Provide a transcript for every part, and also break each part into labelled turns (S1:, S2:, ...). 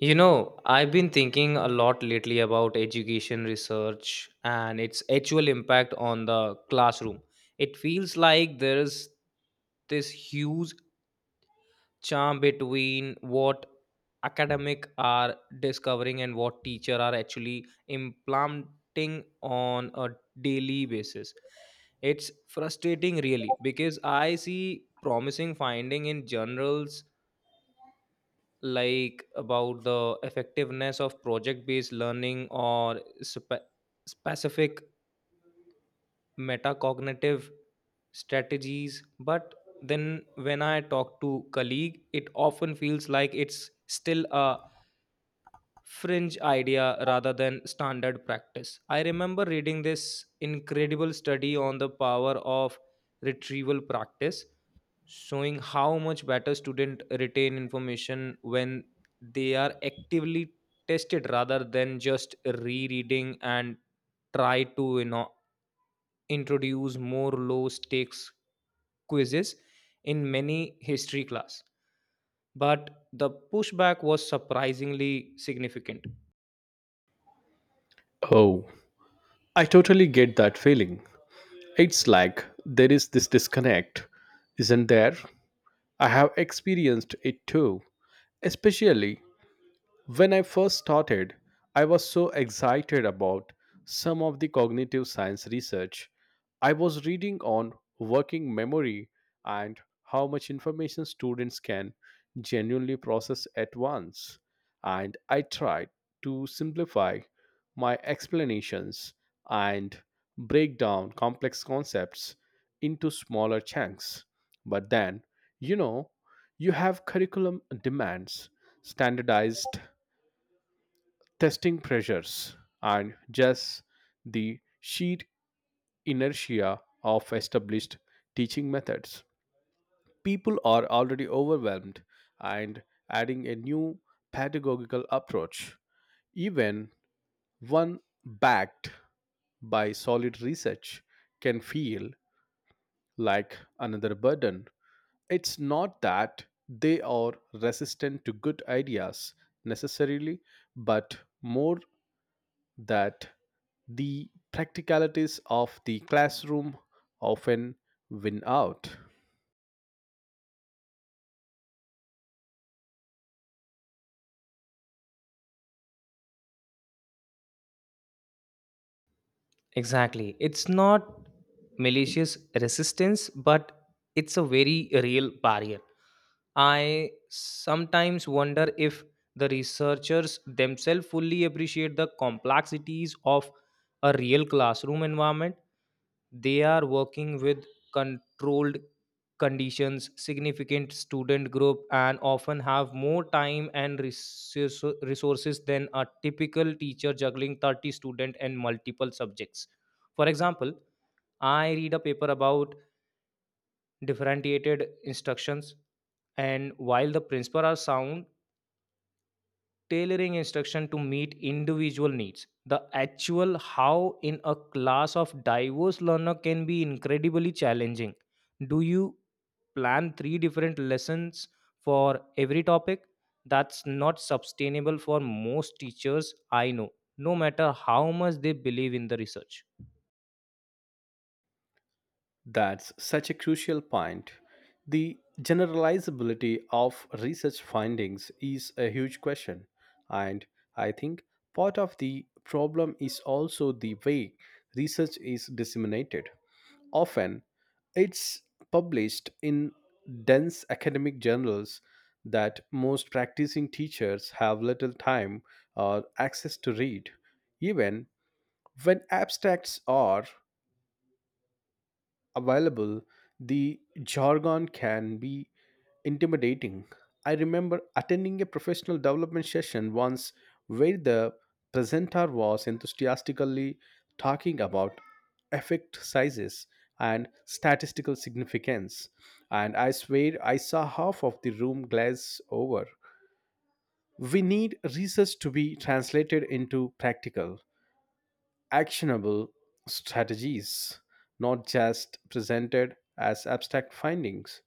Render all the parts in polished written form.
S1: You know, I've been thinking a lot lately about education research and its actual impact on the classroom. It feels like there's this huge charm between what academic are discovering and what teacher are actually implanting on a daily basis. It's frustrating really because I see promising finding in journals like about the effectiveness of project based learning or specific metacognitive strategies but then when I talk to colleague it often feels like it's still a fringe idea rather than standard practice. I remember reading this incredible study on the power of retrieval practice, showing how much better students retain information when they are actively tested rather than just rereading and try to introduce more low stakes quizzes in many history class but the pushback was surprisingly significant.
S2: Oh, I totally get that feeling. It's like there is this disconnect, isn't there? I have experienced it too, especially when I first started, I was so excited about some of the cognitive science research I was reading on working memory and how much information students can genuinely process at once. And I tried to simplify my explanations and break down complex concepts into smaller chunks. But then, you know, you have curriculum demands, standardized testing pressures and just the sheer inertia of established teaching methods. People are already overwhelmed, and adding a new pedagogical approach, even one backed by solid research, can feel like another burden. It's not that they are resistant to good ideas necessarily, but more that the practicalities of the classroom often win out.
S1: Exactly. It's not malicious resistance, but it's a very real barrier. I sometimes wonder if the researchers themselves fully appreciate the complexities of a real classroom environment. They are working with controlled conditions, significant student group, and often have more time and resources than a typical teacher juggling 30 students and multiple subjects. For example, I read a paper about differentiated instructions, and while the principles are sound, tailoring instruction to meet individual needs. The actual how in a class of diverse learner can be incredibly challenging. Do you plan three different lessons for every topic that's not sustainable for most teachers I know, no matter how much they believe in the research.
S2: That's such a crucial point. The generalizability of research findings is a huge question, and I think part of the problem is also the way research is disseminated. Often, it's published in dense academic journals that most practicing teachers have little time or access to read, even when abstracts are available, the jargon can be intimidating. I remember attending a professional development session once where the presenter was enthusiastically talking about effect sizes and statistical significance, and I swear I saw half of the room glaze over. We need research to be translated into practical actionable strategies, not just presented as abstract findings.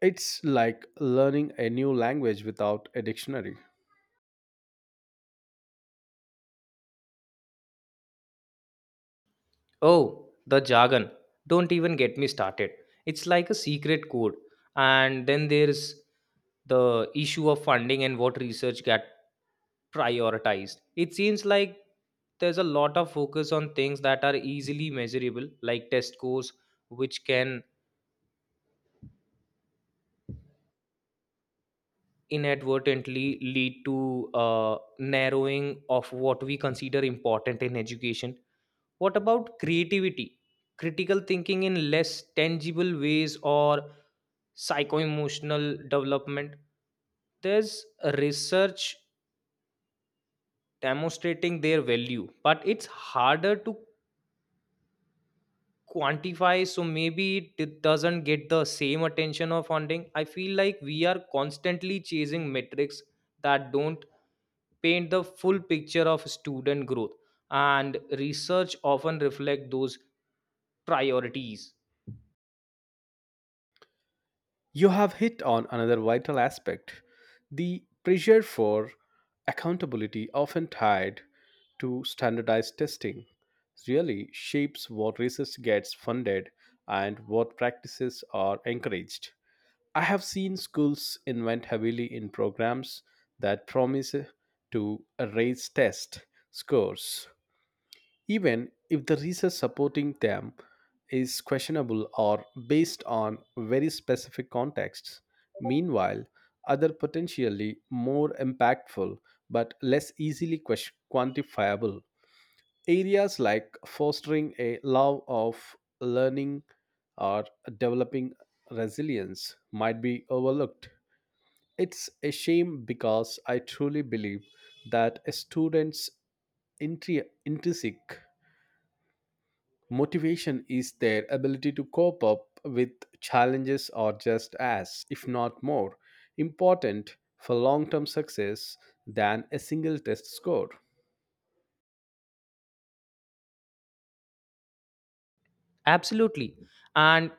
S2: It's like learning a new language without a dictionary.
S1: Oh, the jargon, don't even get me started. It's like a secret code. And then there's the issue of funding and what research get prioritized. It seems like there's a lot of focus on things that are easily measurable like test scores, which can inadvertently lead to narrowing of what we consider important in education. What about creativity, critical thinking in less tangible ways, or psycho-emotional development? There's research demonstrating their value but it's harder to quantify, so maybe it doesn't get the same attention or funding. I feel like we are constantly chasing metrics that don't paint the full picture of student growth, and research often reflect those priorities.
S2: You have hit on another vital aspect: the pressure for accountability, often tied to standardized testing, really shapes what research gets funded and what practices are encouraged. I have seen schools invest heavily in programs that promise to raise test scores even if the research supporting them is questionable or based on very specific contexts. Meanwhile, other potentially more impactful but less easily quantifiable areas like fostering a love of learning or developing resilience might be overlooked. It's a shame because I truly believe that a student's intrinsic motivation is their ability to cope up with challenges or just as, if not more, important for long term success than a single test score.
S1: Absolutely. And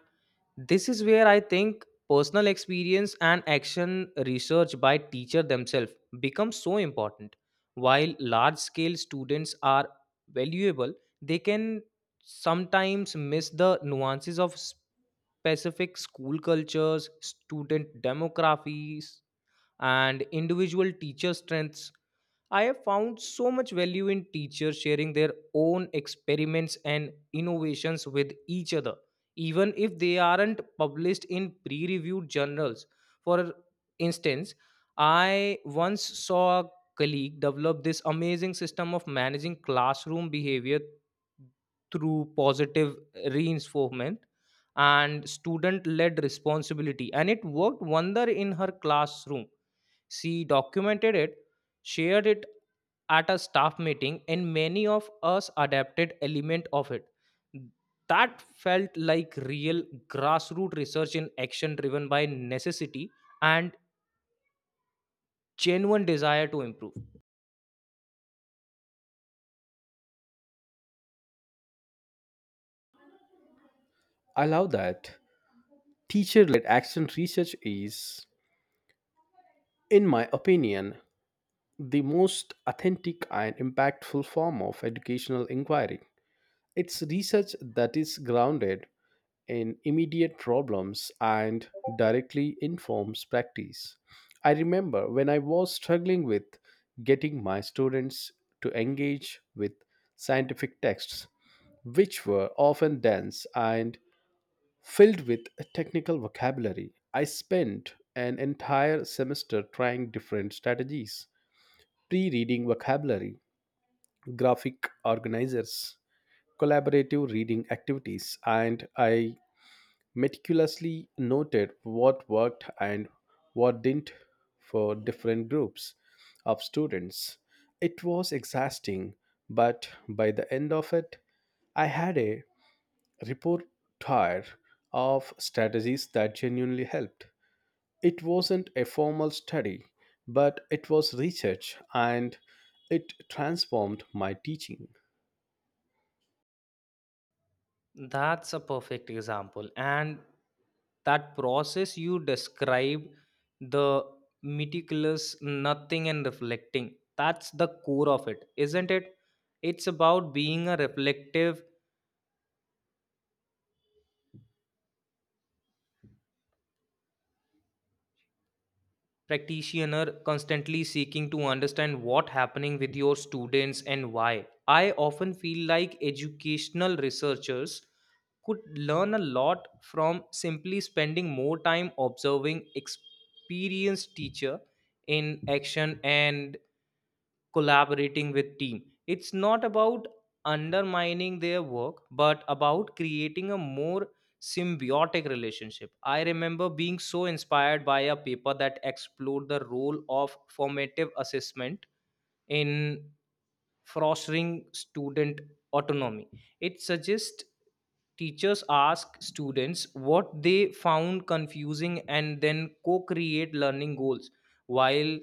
S1: this is where I think personal experience and action research by teacher themselves becomes so important. While large scale students are valuable, they can sometimes miss the nuances of specific school cultures, student demographies, and individual teacher strengths. I have found so much value in teachers sharing their own experiments and innovations with each other, even if they aren't published in pre reviewed journals. For instance, I once saw a colleague develop this amazing system of managing classroom behavior through positive reinforcement and student led responsibility, and it worked wonder in her classroom. She documented it, shared it at a staff meeting, and many of us adapted element of it. That felt like real grassroots research in action, driven by necessity and genuine desire to improve.
S2: I love that. Teacher led action research is, in my opinion, the most authentic and impactful form of educational inquiry. It's research that is grounded in immediate problems and directly informs practice. I remember when I was struggling with getting my students to engage with scientific texts, which were often dense and filled with technical vocabulary. I spent an entire semester trying different strategies: pre reading vocabulary, graphic organizers, collaborative reading activities, and I meticulously noted what worked and what didn't for different groups of students. It was exhausting, but by the end of it, I had a repertoire of strategies that genuinely helped. It wasn't a formal study, but it was research and it transformed my teaching.
S1: That's a perfect example. And that process you describe, the meticulous nothing and reflecting, that's the core of it, isn't it? It's about being a reflective practitioner constantly seeking to understand what happening with your students and why. I often feel like educational researchers could learn a lot from simply spending more time observing experienced teacher in action and collaborating with team. It's not about undermining their work but about creating a more symbiotic relationship. I remember being so inspired by a paper that explored the role of formative assessment in fostering student autonomy. It suggests teachers ask students what they found confusing and then co-create learning goals. While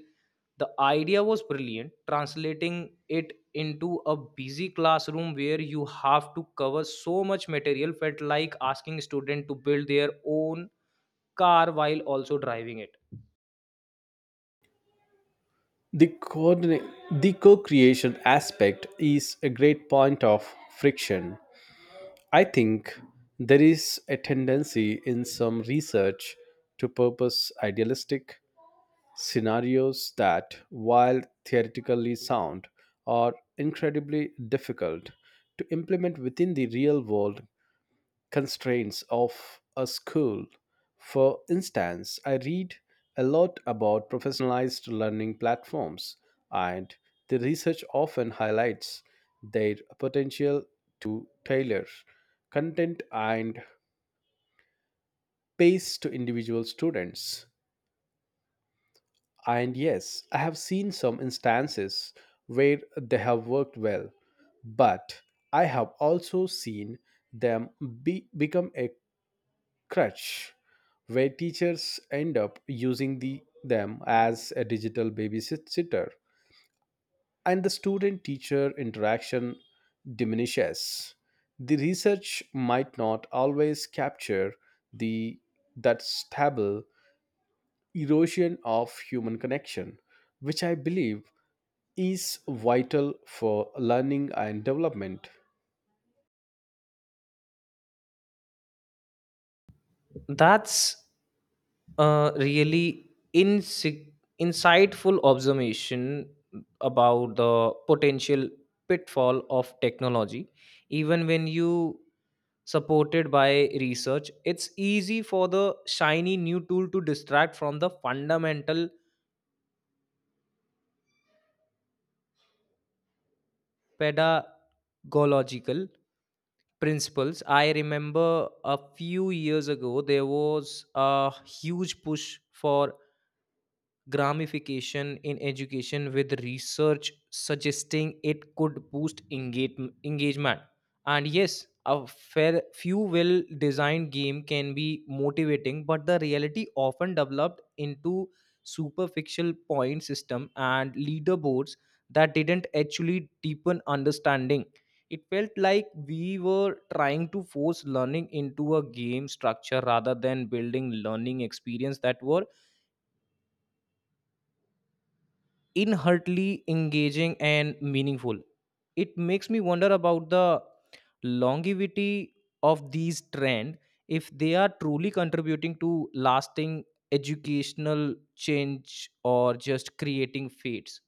S1: the idea was brilliant, translating it into a busy classroom where you have to cover so much material felt like asking students to build their own car while also driving it.
S2: The, coordinate, the co-creation aspect is a great point of friction. I think there is a tendency in some research to purpose idealistic scenarios that, while theoretically sound, are incredibly difficult to implement within the real world constraints of a school. For instance, I read a lot about professionalized learning platforms, and the research often highlights their potential to tailor content and pace to individual students. And yes, I have seen some instances where they have worked well, but I have also seen them become a crutch where teachers end up using them as a digital babysitter and the student teacher interaction diminishes. The research might not always capture the that stable erosion of human connection, which I believe is vital for learning and development.
S1: That's really insightful observation about the potential pitfall of technology. Even when you supported by research, it's easy for the shiny new tool to distract from the fundamental pedagogical principles. I remember a few years ago there was a huge push for gramification in education with research suggesting it could boost engagement, and yes, a fair few well designed game can be motivating but the reality often developed into superficial point system and leaderboards that didn't actually deepen understanding. It felt like we were trying to force learning into a game structure rather than building learning experience that were inherently engaging and meaningful. It makes me wonder about the longevity of these trend, if they are truly contributing to lasting educational change or just creating fates.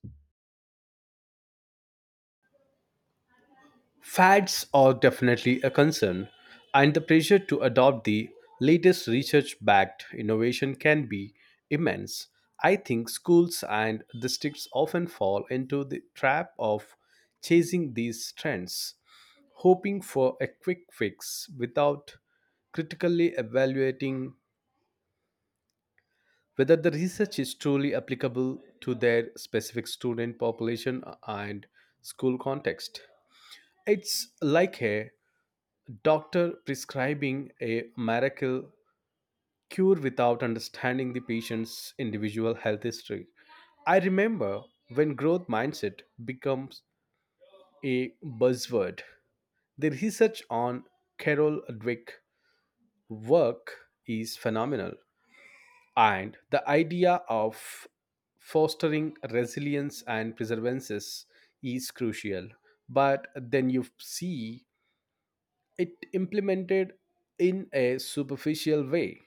S2: Fads are definitely a concern, and the pressure to adopt the latest research backed innovation can be immense. I think schools and districts often fall into the trap of chasing these trends, hoping for a quick fix without critically evaluating whether the research is truly applicable to their specific student population and school context. It's like a doctor prescribing a miracle cure without understanding the patient's individual health history. I remember when growth mindset becomes a buzzword. The research on Carol Dweck work is phenomenal, and the idea of fostering resilience and perseverance is crucial. But then you see it implemented in a superficial way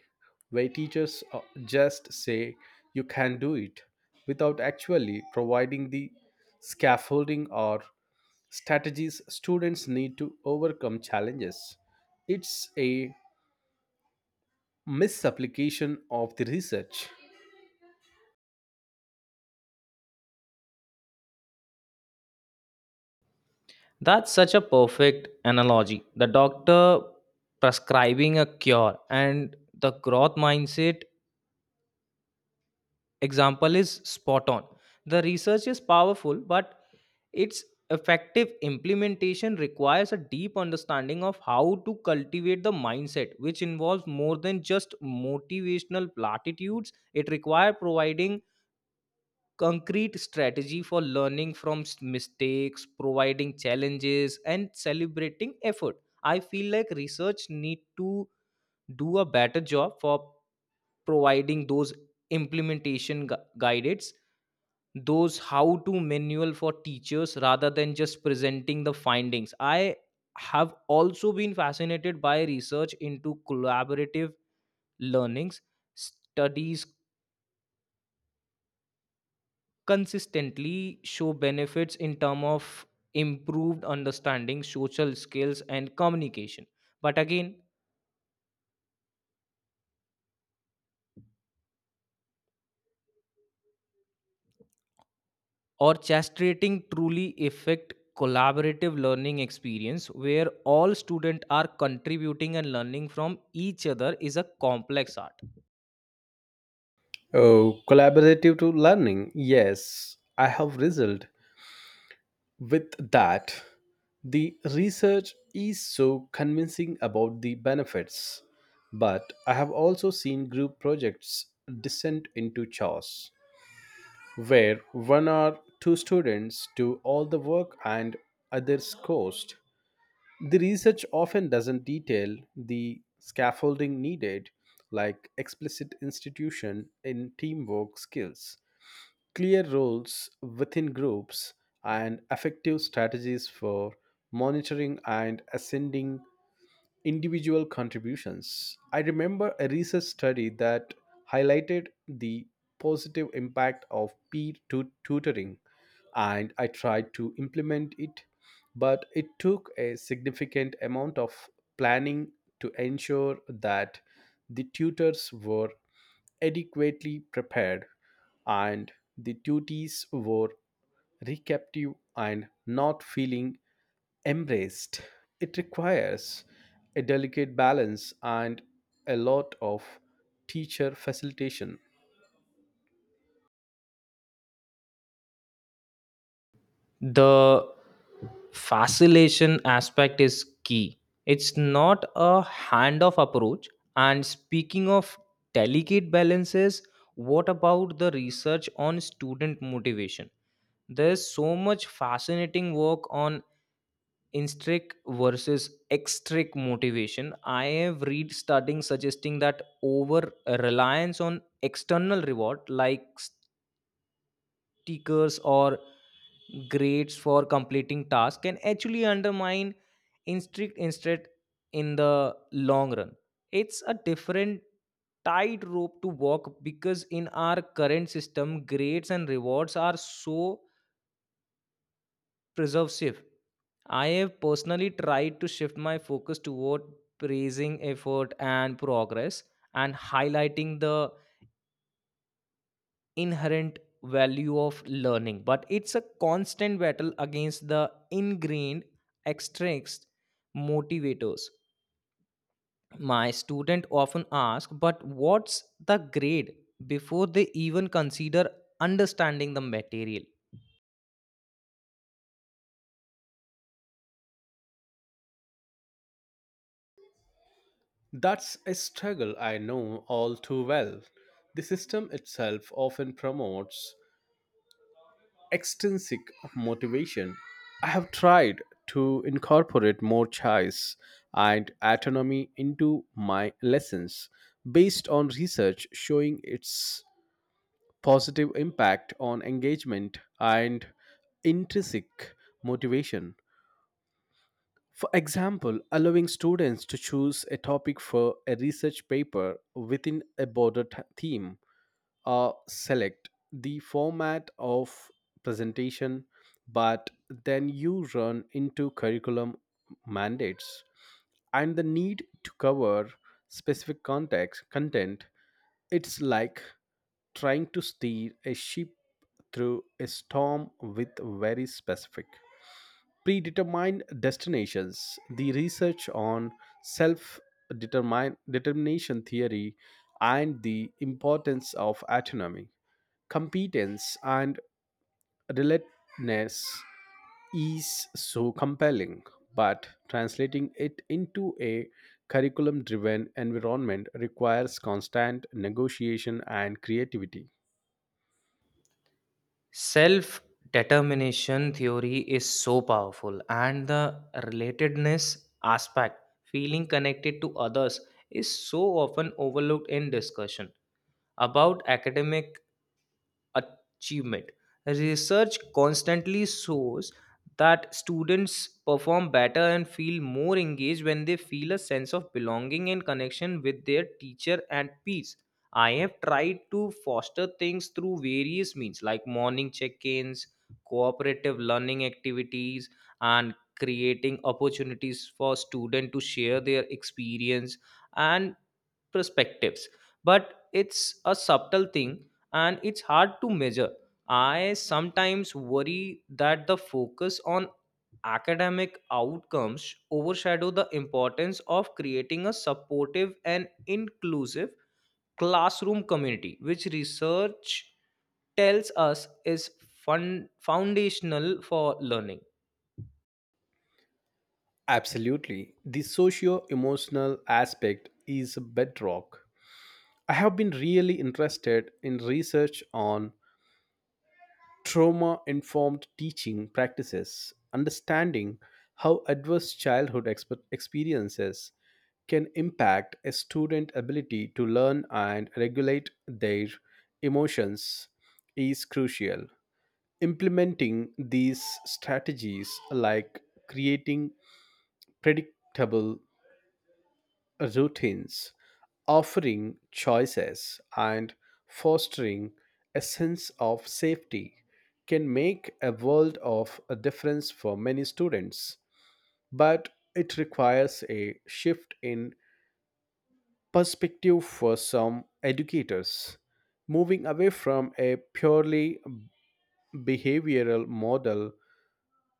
S2: where teachers just say you can do it without actually providing the scaffolding or strategies students need to overcome challenges. It's a misapplication of the research.
S1: That's such a perfect analogy. The doctor prescribing a cure and the growth mindset example is spot on. The research is powerful, but its effective implementation requires a deep understanding of how to cultivate the mindset, which involves more than just motivational platitudes. It requires providing concrete strategy for learning from mistakes, providing challenges, and celebrating effort. I feel like research need to do a better job for providing those implementation guidance, those how to manual for teachers rather than just presenting the findings. I have also been fascinated by research into collaborative learnings. Studies consistently show benefits in terms of improved understanding, social skills and communication, but again, orchestrating truly effect collaborative learning experience where all students are contributing and learning from each other is a complex art.
S2: Oh, collaborative to learning, yes, I have result with that. The research is so convincing about the benefits, but I have also seen group projects descend into chaos, where one or two students do all the work and others coast. The research often doesn't detail the scaffolding needed, like explicit institution in teamwork skills, clear roles within groups, and effective strategies for monitoring and ascending individual contributions. I remember a research study that highlighted the positive impact of tutoring, and I tried to implement it, but it took a significant amount of planning to ensure that the tutors were adequately prepared, and the duties were receptive and not feeling embraced. It requires a delicate balance and a lot of teacher facilitation.
S1: The facilitation aspect is key. It's not a handoff approach. And speaking of delicate balances, what about the research on student motivation? There's so much fascinating work on intrinsic versus extrinsic motivation. I have read studies suggesting that over reliance on external reward like stickers or grades for completing tasks can actually undermine instinct instead in the long run. It's a different tightrope to walk because in our current system grades and rewards are so preservative. I have personally tried to shift my focus toward praising effort and progress and highlighting the inherent value of learning, but it's a constant battle against the ingrained extrinsic motivators. My student often ask, but what's the grade, before they even consider understanding the material.
S2: That's a struggle I know all too well. The system itself often promotes extrinsic motivation. I have tried to incorporate more choice and autonomy into my lessons based on research showing its positive impact on engagement and intrinsic motivation. For example, allowing students to choose a topic for a research paper within a broader theme, select the format of presentation, but then you run into curriculum mandates and the need to cover specific context content. It's like trying to steer a ship through a storm with very specific predetermined destinations. The research on self determination theory and the importance of autonomy, competence and relentlessness is so compelling, but translating it into a curriculum driven environment requires constant negotiation and creativity.
S1: Self determination theory is so powerful, and the relatedness aspect, feeling connected to others, is so often overlooked in discussion about academic achievement. Research constantly shows that students perform better and feel more engaged when they feel a sense of belonging and connection with their teacher and peers. I have tried to foster things through various means like morning check ins, cooperative learning activities, and creating opportunities for students to share their experience and perspectives, but it's a subtle thing and it's hard to measure. I sometimes worry that the focus on academic outcomes overshadow the importance of creating a supportive and inclusive classroom community, which research tells us is foundational for learning.
S2: Absolutely. The socio emotional aspect is a bedrock. I have been really interested in research on trauma informed teaching practices. Understanding how adverse childhood experiences can impact a student's ability to learn and regulate their emotions is crucial. Implementing these strategies, like creating predictable routines, offering choices, and fostering a sense of safety can make a world of a difference for many students. But it requires a shift in perspective for some educators, moving away from a purely behavioral model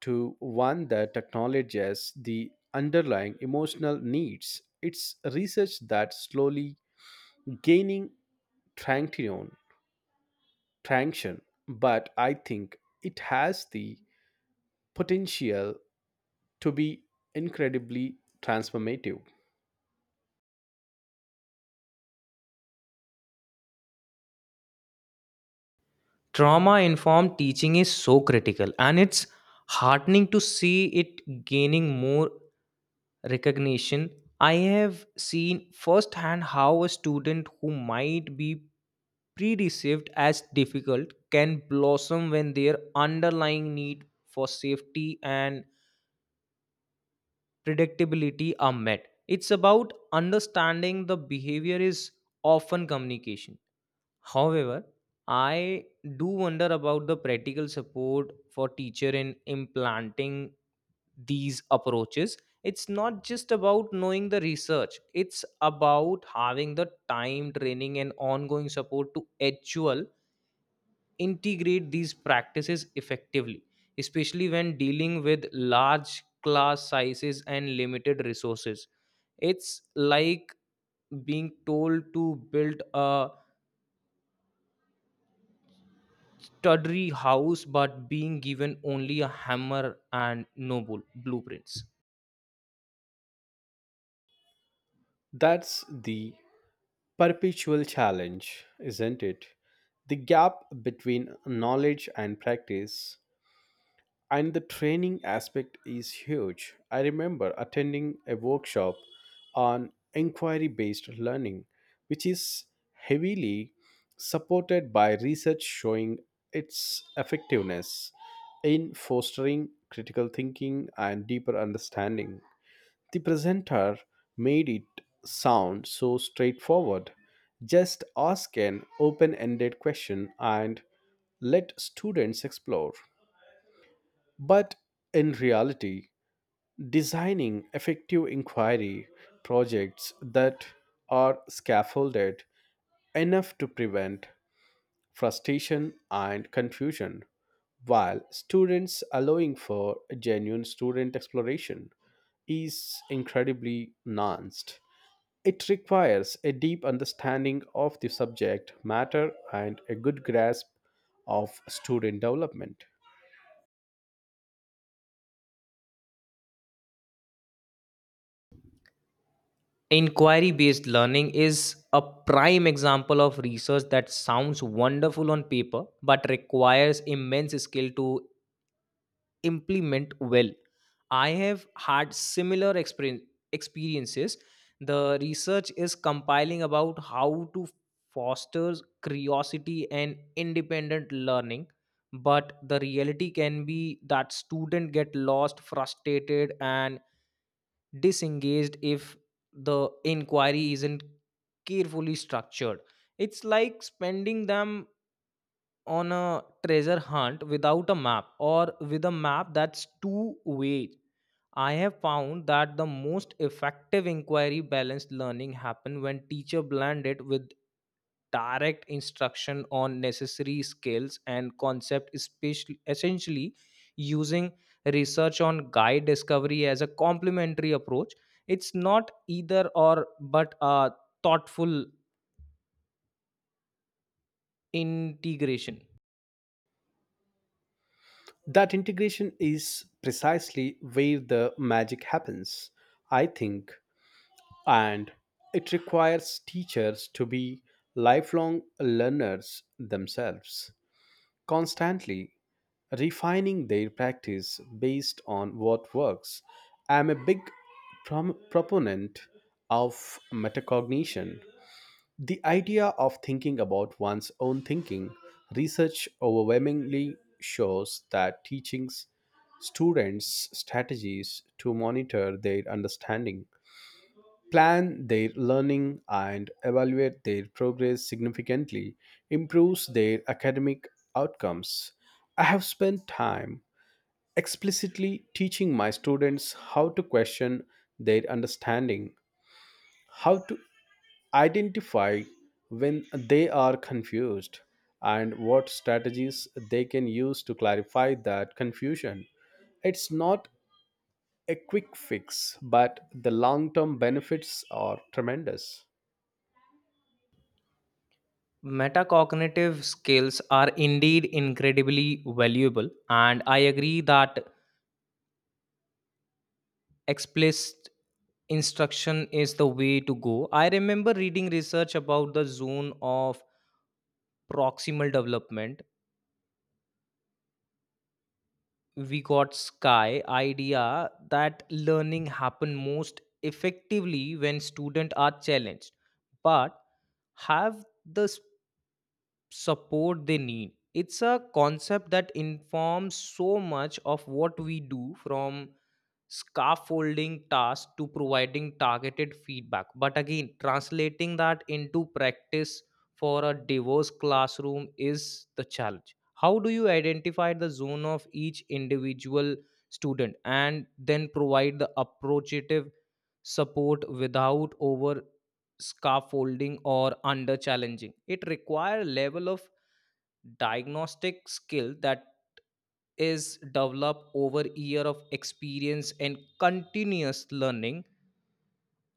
S2: to one that acknowledges the underlying emotional needs. It's research that's slowly gaining Tranction, tranction, but I think it has the potential to be incredibly transformative.
S1: Trauma informed teaching is so critical, and it's heartening to see it gaining more recognition. I have seen firsthand how a student who might be pre-received as difficult can blossom when their underlying need for safety and predictability are met. It's about understanding the behavior is often communication. However, I do wonder about the practical support for teacher in implanting these approaches. It's not just about knowing the research, it's about having the time, training, and ongoing support to actual integrate these practices effectively, especially when dealing with large class sizes and limited resources. It's like being told to build a tawdry house but being given only a hammer and no blueprints.
S2: That's the perpetual challenge, isn't it? The gap between knowledge and practice and the training aspect is huge. I remember attending a workshop on inquiry based learning, which is heavily supported by research showing its effectiveness in fostering critical thinking and deeper understanding. The presenter made it sound so straightforward. Just ask an open ended question and let students explore. But in reality, designing effective inquiry projects that are scaffolded enough to prevent frustration and confusion while students allowing for genuine student exploration is incredibly nuanced. It requires a deep understanding of the subject matter and a good grasp of student development.
S1: Inquiry based learning is a prime example of research that sounds wonderful on paper but requires immense skill to implement well. I have had similar experiences. The research is compiling about how to foster curiosity and independent learning, but the reality can be that students get lost, frustrated, and disengaged if the inquiry isn't carefully structured. It's like spending them on a treasure hunt without a map or with a map that's two way. I have found that the most effective inquiry based learning happen when teacher blend it with direct instruction on necessary skills and concept, especially essentially using research on guide discovery as a complementary approach. It's not either or but a thoughtful integration.
S2: That integration is precisely where the magic happens, I think, and it requires teachers to be lifelong learners themselves, constantly refining their practice based on what works. I'm a big proponent of metacognition, the idea of thinking about one's own thinking. Research overwhelmingly shows that teachings students strategies to monitor their understanding, plan their learning, and evaluate their progress significantly improves their academic outcomes. I have spent time explicitly teaching my students how to question their understanding, how to identify when they are confused and what strategies they can use to clarify that confusion. It's not a quick fix, but the long term benefits are tremendous.
S1: Metacognitive skills are indeed incredibly valuable, and I agree that explicit instruction is the way to go. I remember reading research about the zone of proximal development, we got sky idea that learning happen most effectively when students are challenged but have the support they need. It's a concept that informs so much of what we do, from scaffolding tasks to providing targeted feedback. But again, translating that into practice for a diverse classroom is the challenge. How do you identify the zone of each individual student and then provide the appropriate support without over scaffolding or under challenging It require level of diagnostic skill that is developed over year of experience and continuous learning,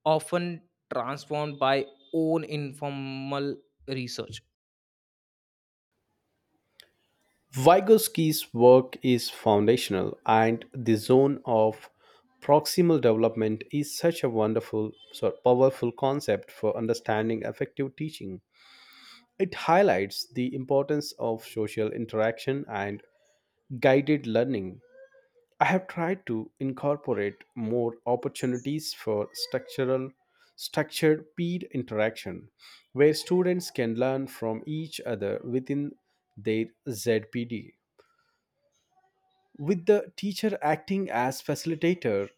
S1: often transformed by own informal research.
S2: Vygotsky's work is foundational, and the zone of proximal development is such a wonderful, so powerful concept for understanding effective teaching. It highlights the importance of social interaction and guided learning. I have tried to incorporate more opportunities for structural structured peer interaction where students can learn from each other within their ZPD. With the teacher acting as facilitator,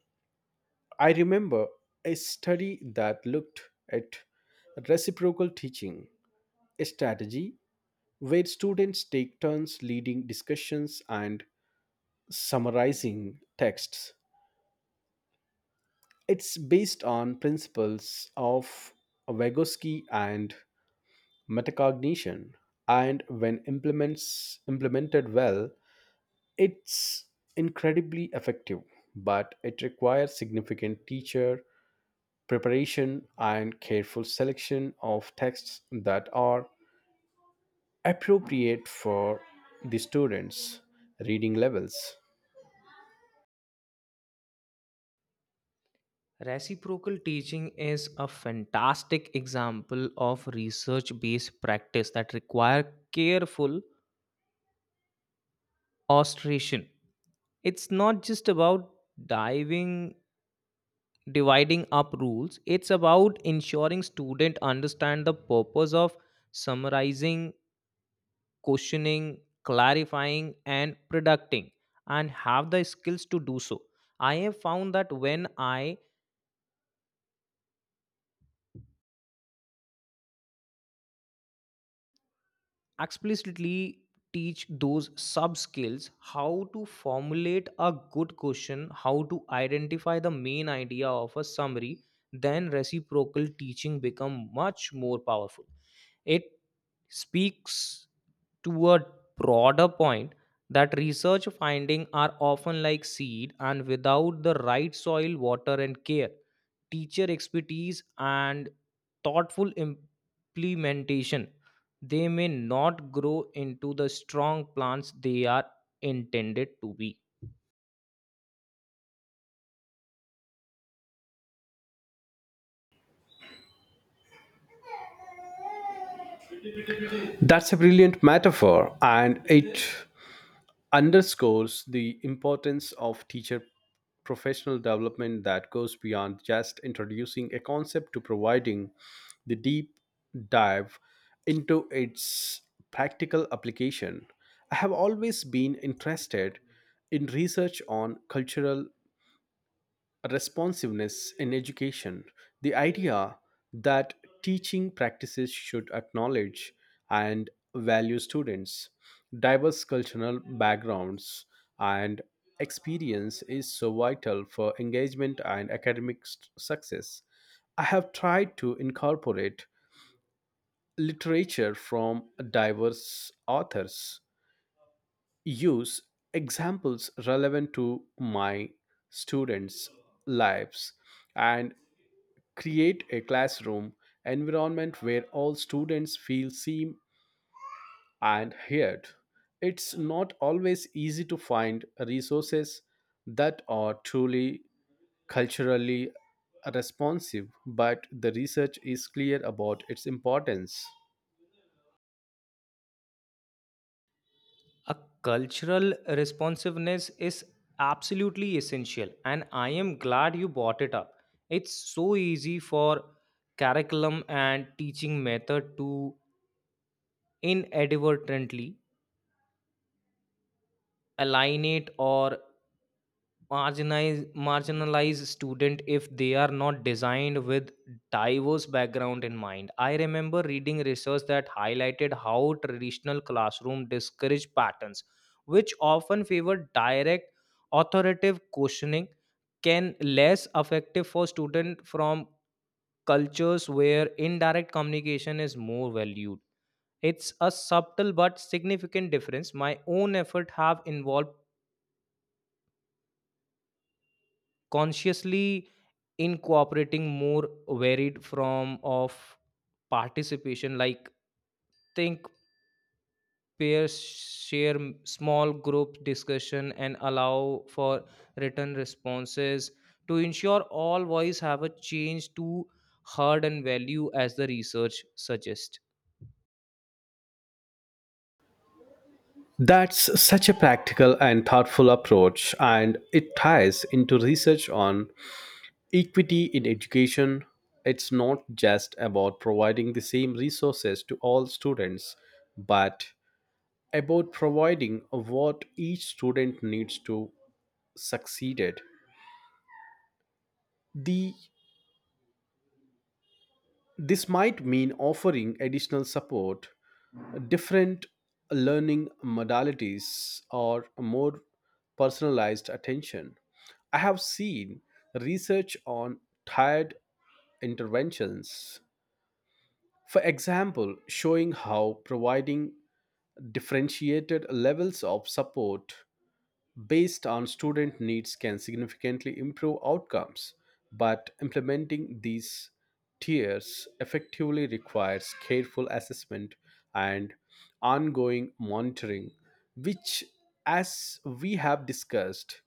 S2: I remember a study that looked at reciprocal teaching, a strategy where students take turns leading discussions and summarizing texts. It's based on principles of Vygotsky and metacognition, and when implements implemented well, it's incredibly effective. But it requires significant teacher preparation and careful selection of texts that are appropriate for the students' reading levels.
S1: Reciprocal teaching is a fantastic example of research based practice that require careful ostration. It's not just about diving dividing up rules. It's about ensuring student understand the purpose of summarizing, questioning, clarifying and predicting, and have the skills to do so. I have found that when I explicitly teach those sub skills, how to formulate a good question, how to identify the main idea of a summary, then reciprocal teaching become much more powerful. It speaks to a broader point that research findings are often like seed, and without the right soil, water, and care, teacher expertise, and thoughtful implementation, they may not grow into the strong plants they are intended to be.
S2: That's a brilliant metaphor, and it underscores the importance of teacher professional development that goes beyond just introducing a concept to providing the deep dive into its practical application. I have always been interested in research on cultural responsiveness in education. The idea that teaching practices should acknowledge and value students' diverse cultural backgrounds and experience is so vital for engagement and academic success. I have tried to incorporate literature from diverse authors, use examples relevant to my students' lives, and create a classroom environment where all students feel seen and heard. It's not always easy to find resources that are truly culturally responsive, but the research is clear about its importance.
S1: A cultural responsiveness is absolutely essential, and I am glad you brought it up. It's so easy for curriculum and teaching method to inadvertently alienate or marginalized student if they are not designed with diverse background in mind. I remember reading research that highlighted how traditional classroom discourage patterns, which often favor direct authoritative questioning, can less effective for students from cultures where indirect communication is more valued. It's a subtle but significant difference. My own effort have involved consciously incorporating more varied form of participation, like think peers share, small group discussion, and allow for written responses to ensure all voice have a chance to heard and value, as the research suggests.
S2: That's such a practical and thoughtful approach, and it ties into research on equity in education. It's not just about providing the same resources to all students, but about providing what each student needs to succeed at. The this might mean offering additional support, different learning modalities, or more personalized attention. I have seen research on tiered interventions, for example, showing how providing differentiated levels of support based on student needs can significantly improve outcomes, but implementing these tiers effectively requires careful assessment and ongoing monitoring, which, as we have discussed,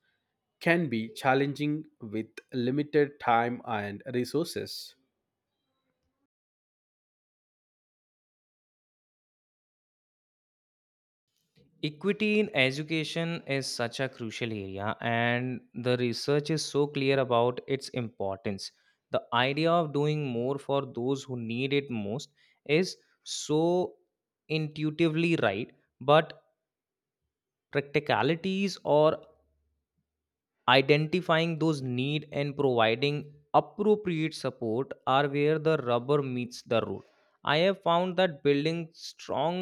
S2: can be challenging with limited time and resources.
S1: Equity in education is such a crucial area, and the research is so clear about its importance. The idea of doing more for those who need it most is so intuitively right, but practicalities or identifying those need and providing appropriate support are where the rubber meets the road. I have found that building strong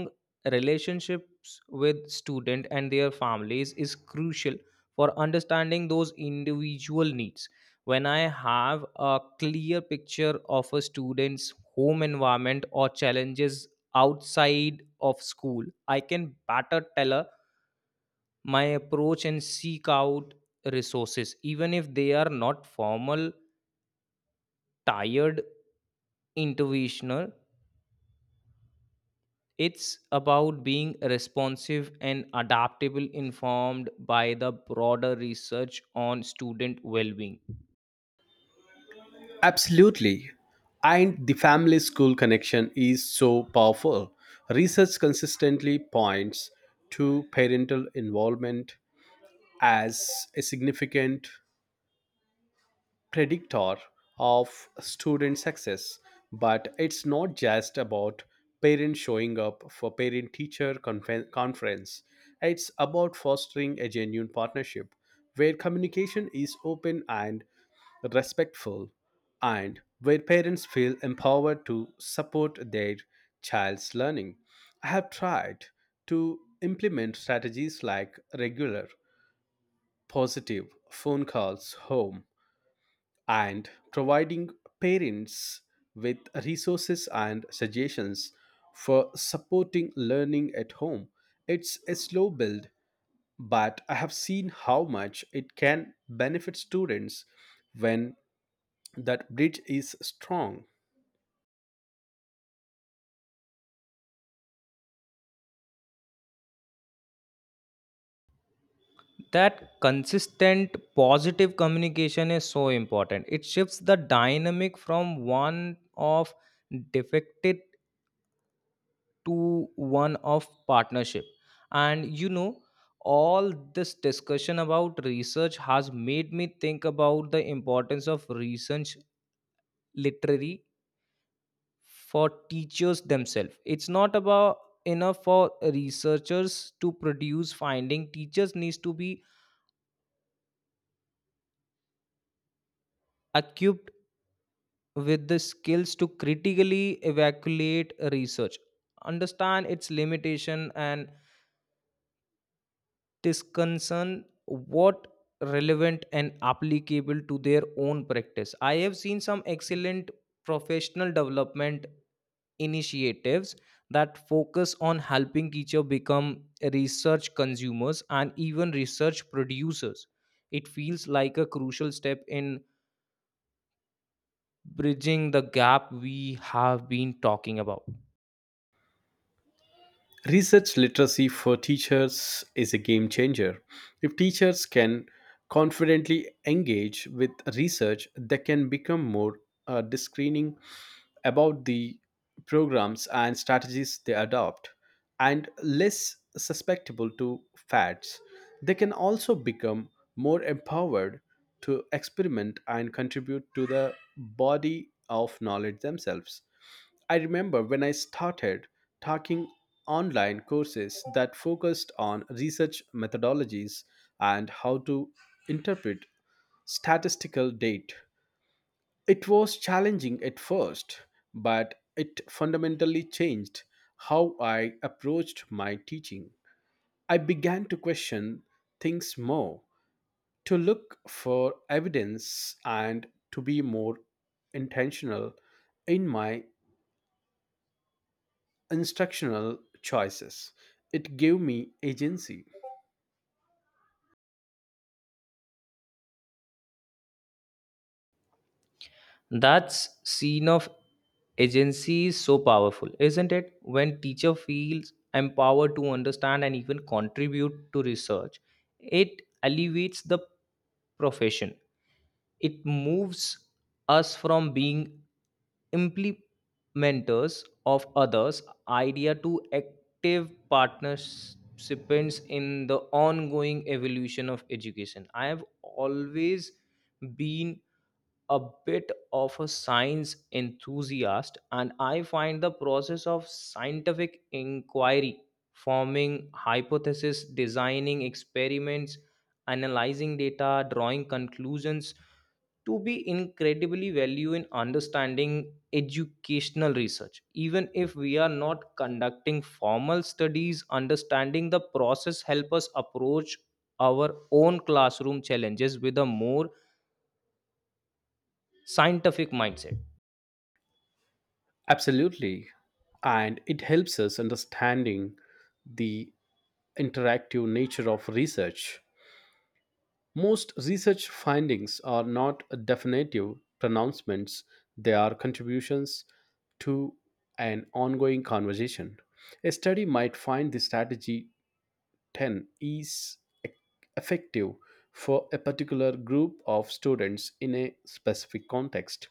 S1: relationships with students and their families is crucial for understanding those individual needs. When I have a clear picture of a student's home environment or challenges outside of school, I can better tailor my approach and seek out resources, even if they are not formal tired interventional. It's about being responsive and adaptable, informed by the broader research on student well-being.
S2: Absolutely. And the family school connection is so powerful. Research consistently points to parental involvement as a significant predictor of student success, but it's not just about parents showing up for parent teacher conference. It's about fostering a genuine partnership where communication is open and respectful, and where parents feel empowered to support their child's learning. I have tried to implement strategies like regular, positive phone calls home and providing parents with resources and suggestions for supporting learning at home. It's a slow build, but I have seen how much it can benefit students when that bridge is strong.
S1: That consistent positive communication is so important. It shifts the dynamic from one of defected to one of partnership. And all this discussion about research has made me think about the importance of research literary for teachers themselves. It's not about enough for researchers to produce finding. Teachers needs to be equipped with the skills to critically evaluate research, understand its limitation, and discussion what relevant and applicable to their own practice. I have seen some excellent professional development initiatives that focus on helping teachers become research consumers and even research producers. It feels like a crucial step in bridging the gap we have been talking about.
S2: Research literacy for teachers is a game changer. If teachers can confidently engage with research, they can become more discerning about the programs and strategies they adopt and less susceptible to fads. They can also become more empowered to experiment and contribute to the body of knowledge themselves. I remember when I started taking online courses that focused on research methodologies and how to interpret statistical data. It was challenging at first, but it fundamentally changed how I approached my teaching. I began to question things more, to look for evidence, and to be more intentional in my instructional choices. It gave me agency.
S1: That scene of agency is so powerful, isn't it? When teacher feels empowered to understand and even contribute to research, it elevates the profession. It moves us from being implementers of others idea to active participants in the ongoing evolution of education. I have always been a bit of a science enthusiast, and I find the process of scientific inquiry, forming hypotheses, designing experiments, analyzing data, drawing conclusions, to be incredibly value in understanding educational research. Even if we are not conducting formal studies, understanding the process help us approach our own classroom challenges with a more scientific mindset.
S2: Absolutely. And it helps us understanding the interactive nature of research. Most research findings are not definitive pronouncements, they are contributions to an ongoing conversation. A study might find the strategy 10 is e- effective for a particular group of students in a specific context,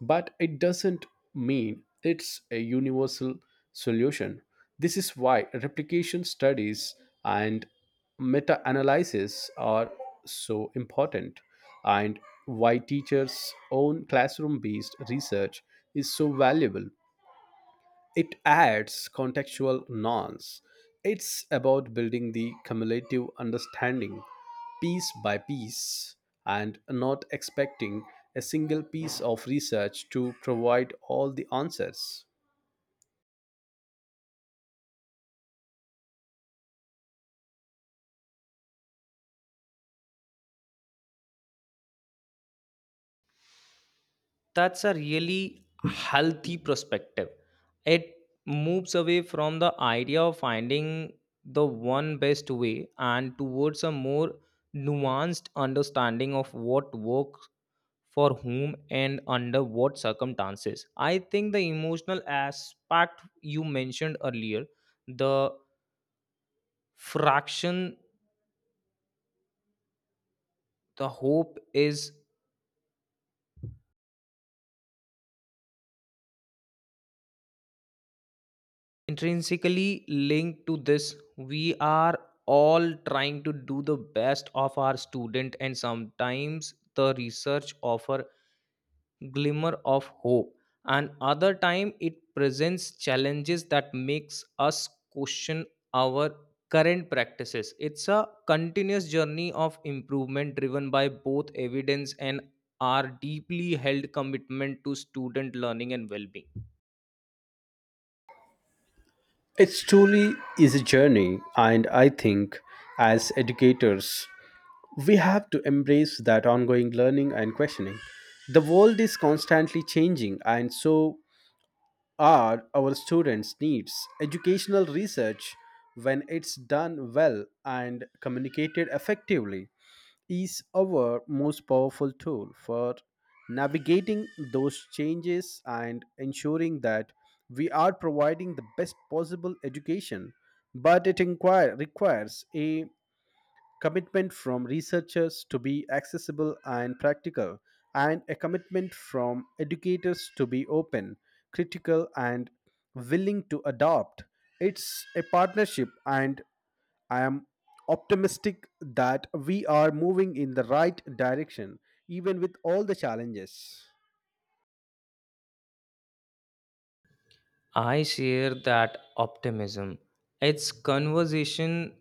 S2: but it doesn't mean it's a universal solution. This is why replication studies and meta analysis are so important, and why teachers' own classroom based research is so valuable. It adds contextual nuance. It's about building the cumulative understanding piece by piece and not expecting a single piece of research to provide all the answers.
S1: That's a really healthy perspective. It moves away from the idea of finding the one best way and towards a more nuanced understanding of what works for whom and under what circumstances. I think the emotional aspect you mentioned earlier, the fraction, the hope, is intrinsically linked to this. We are all trying to do the best of our student, and sometimes the research offer glimmer of hope, and other time it presents challenges that makes us question our current practices. It's a continuous journey of improvement, driven by both evidence and our deeply held commitment to student learning and well-being.
S2: It truly is a journey, and I think as educators, we have to embrace that ongoing learning and questioning. The world is constantly changing, and so are our students needs. Educational research, when it's done well and communicated effectively, is our most powerful tool for navigating those changes and ensuring that we are providing the best possible education, but it requires a commitment from researchers to be accessible and practical, and a commitment from educators to be open, critical, and willing to adopt. It's a partnership, and I am optimistic that we are moving in the right direction, even with all the challenges.
S1: I share that optimism. It's conversation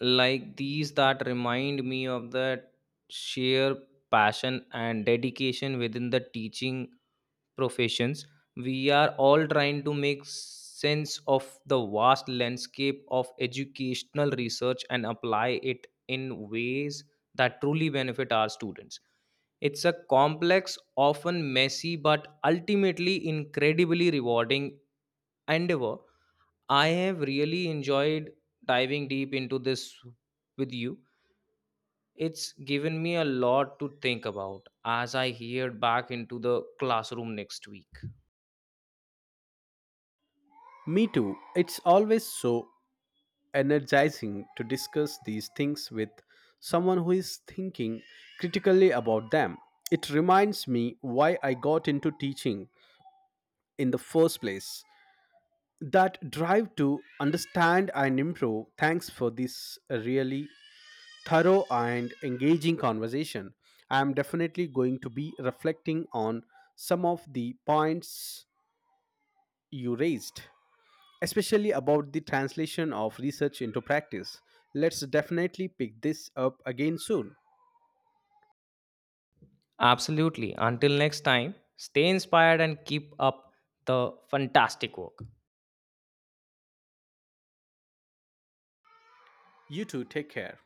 S1: like these that remind me of that sheer passion and dedication within the teaching professions. We are all trying to make sense of the vast landscape of educational research and apply it in ways that truly benefit our students. It's a complex, often messy, but ultimately incredibly rewarding endeavor. I have really enjoyed diving deep into this with you. It's given me a lot to think about as I head back into the classroom next week.
S2: Me too. It's always so energizing to discuss these things with someone who is thinking critically about them. It reminds me why I got into teaching in the first place. That drive to understand and improve. Thanks for this really thorough and engaging conversation. I am definitely going to be reflecting on some of the points you raised, especially about the translation of research into practice. Let's definitely pick this up again soon.
S1: Absolutely. Until next time, stay inspired and keep up the fantastic work.
S2: You too, take care.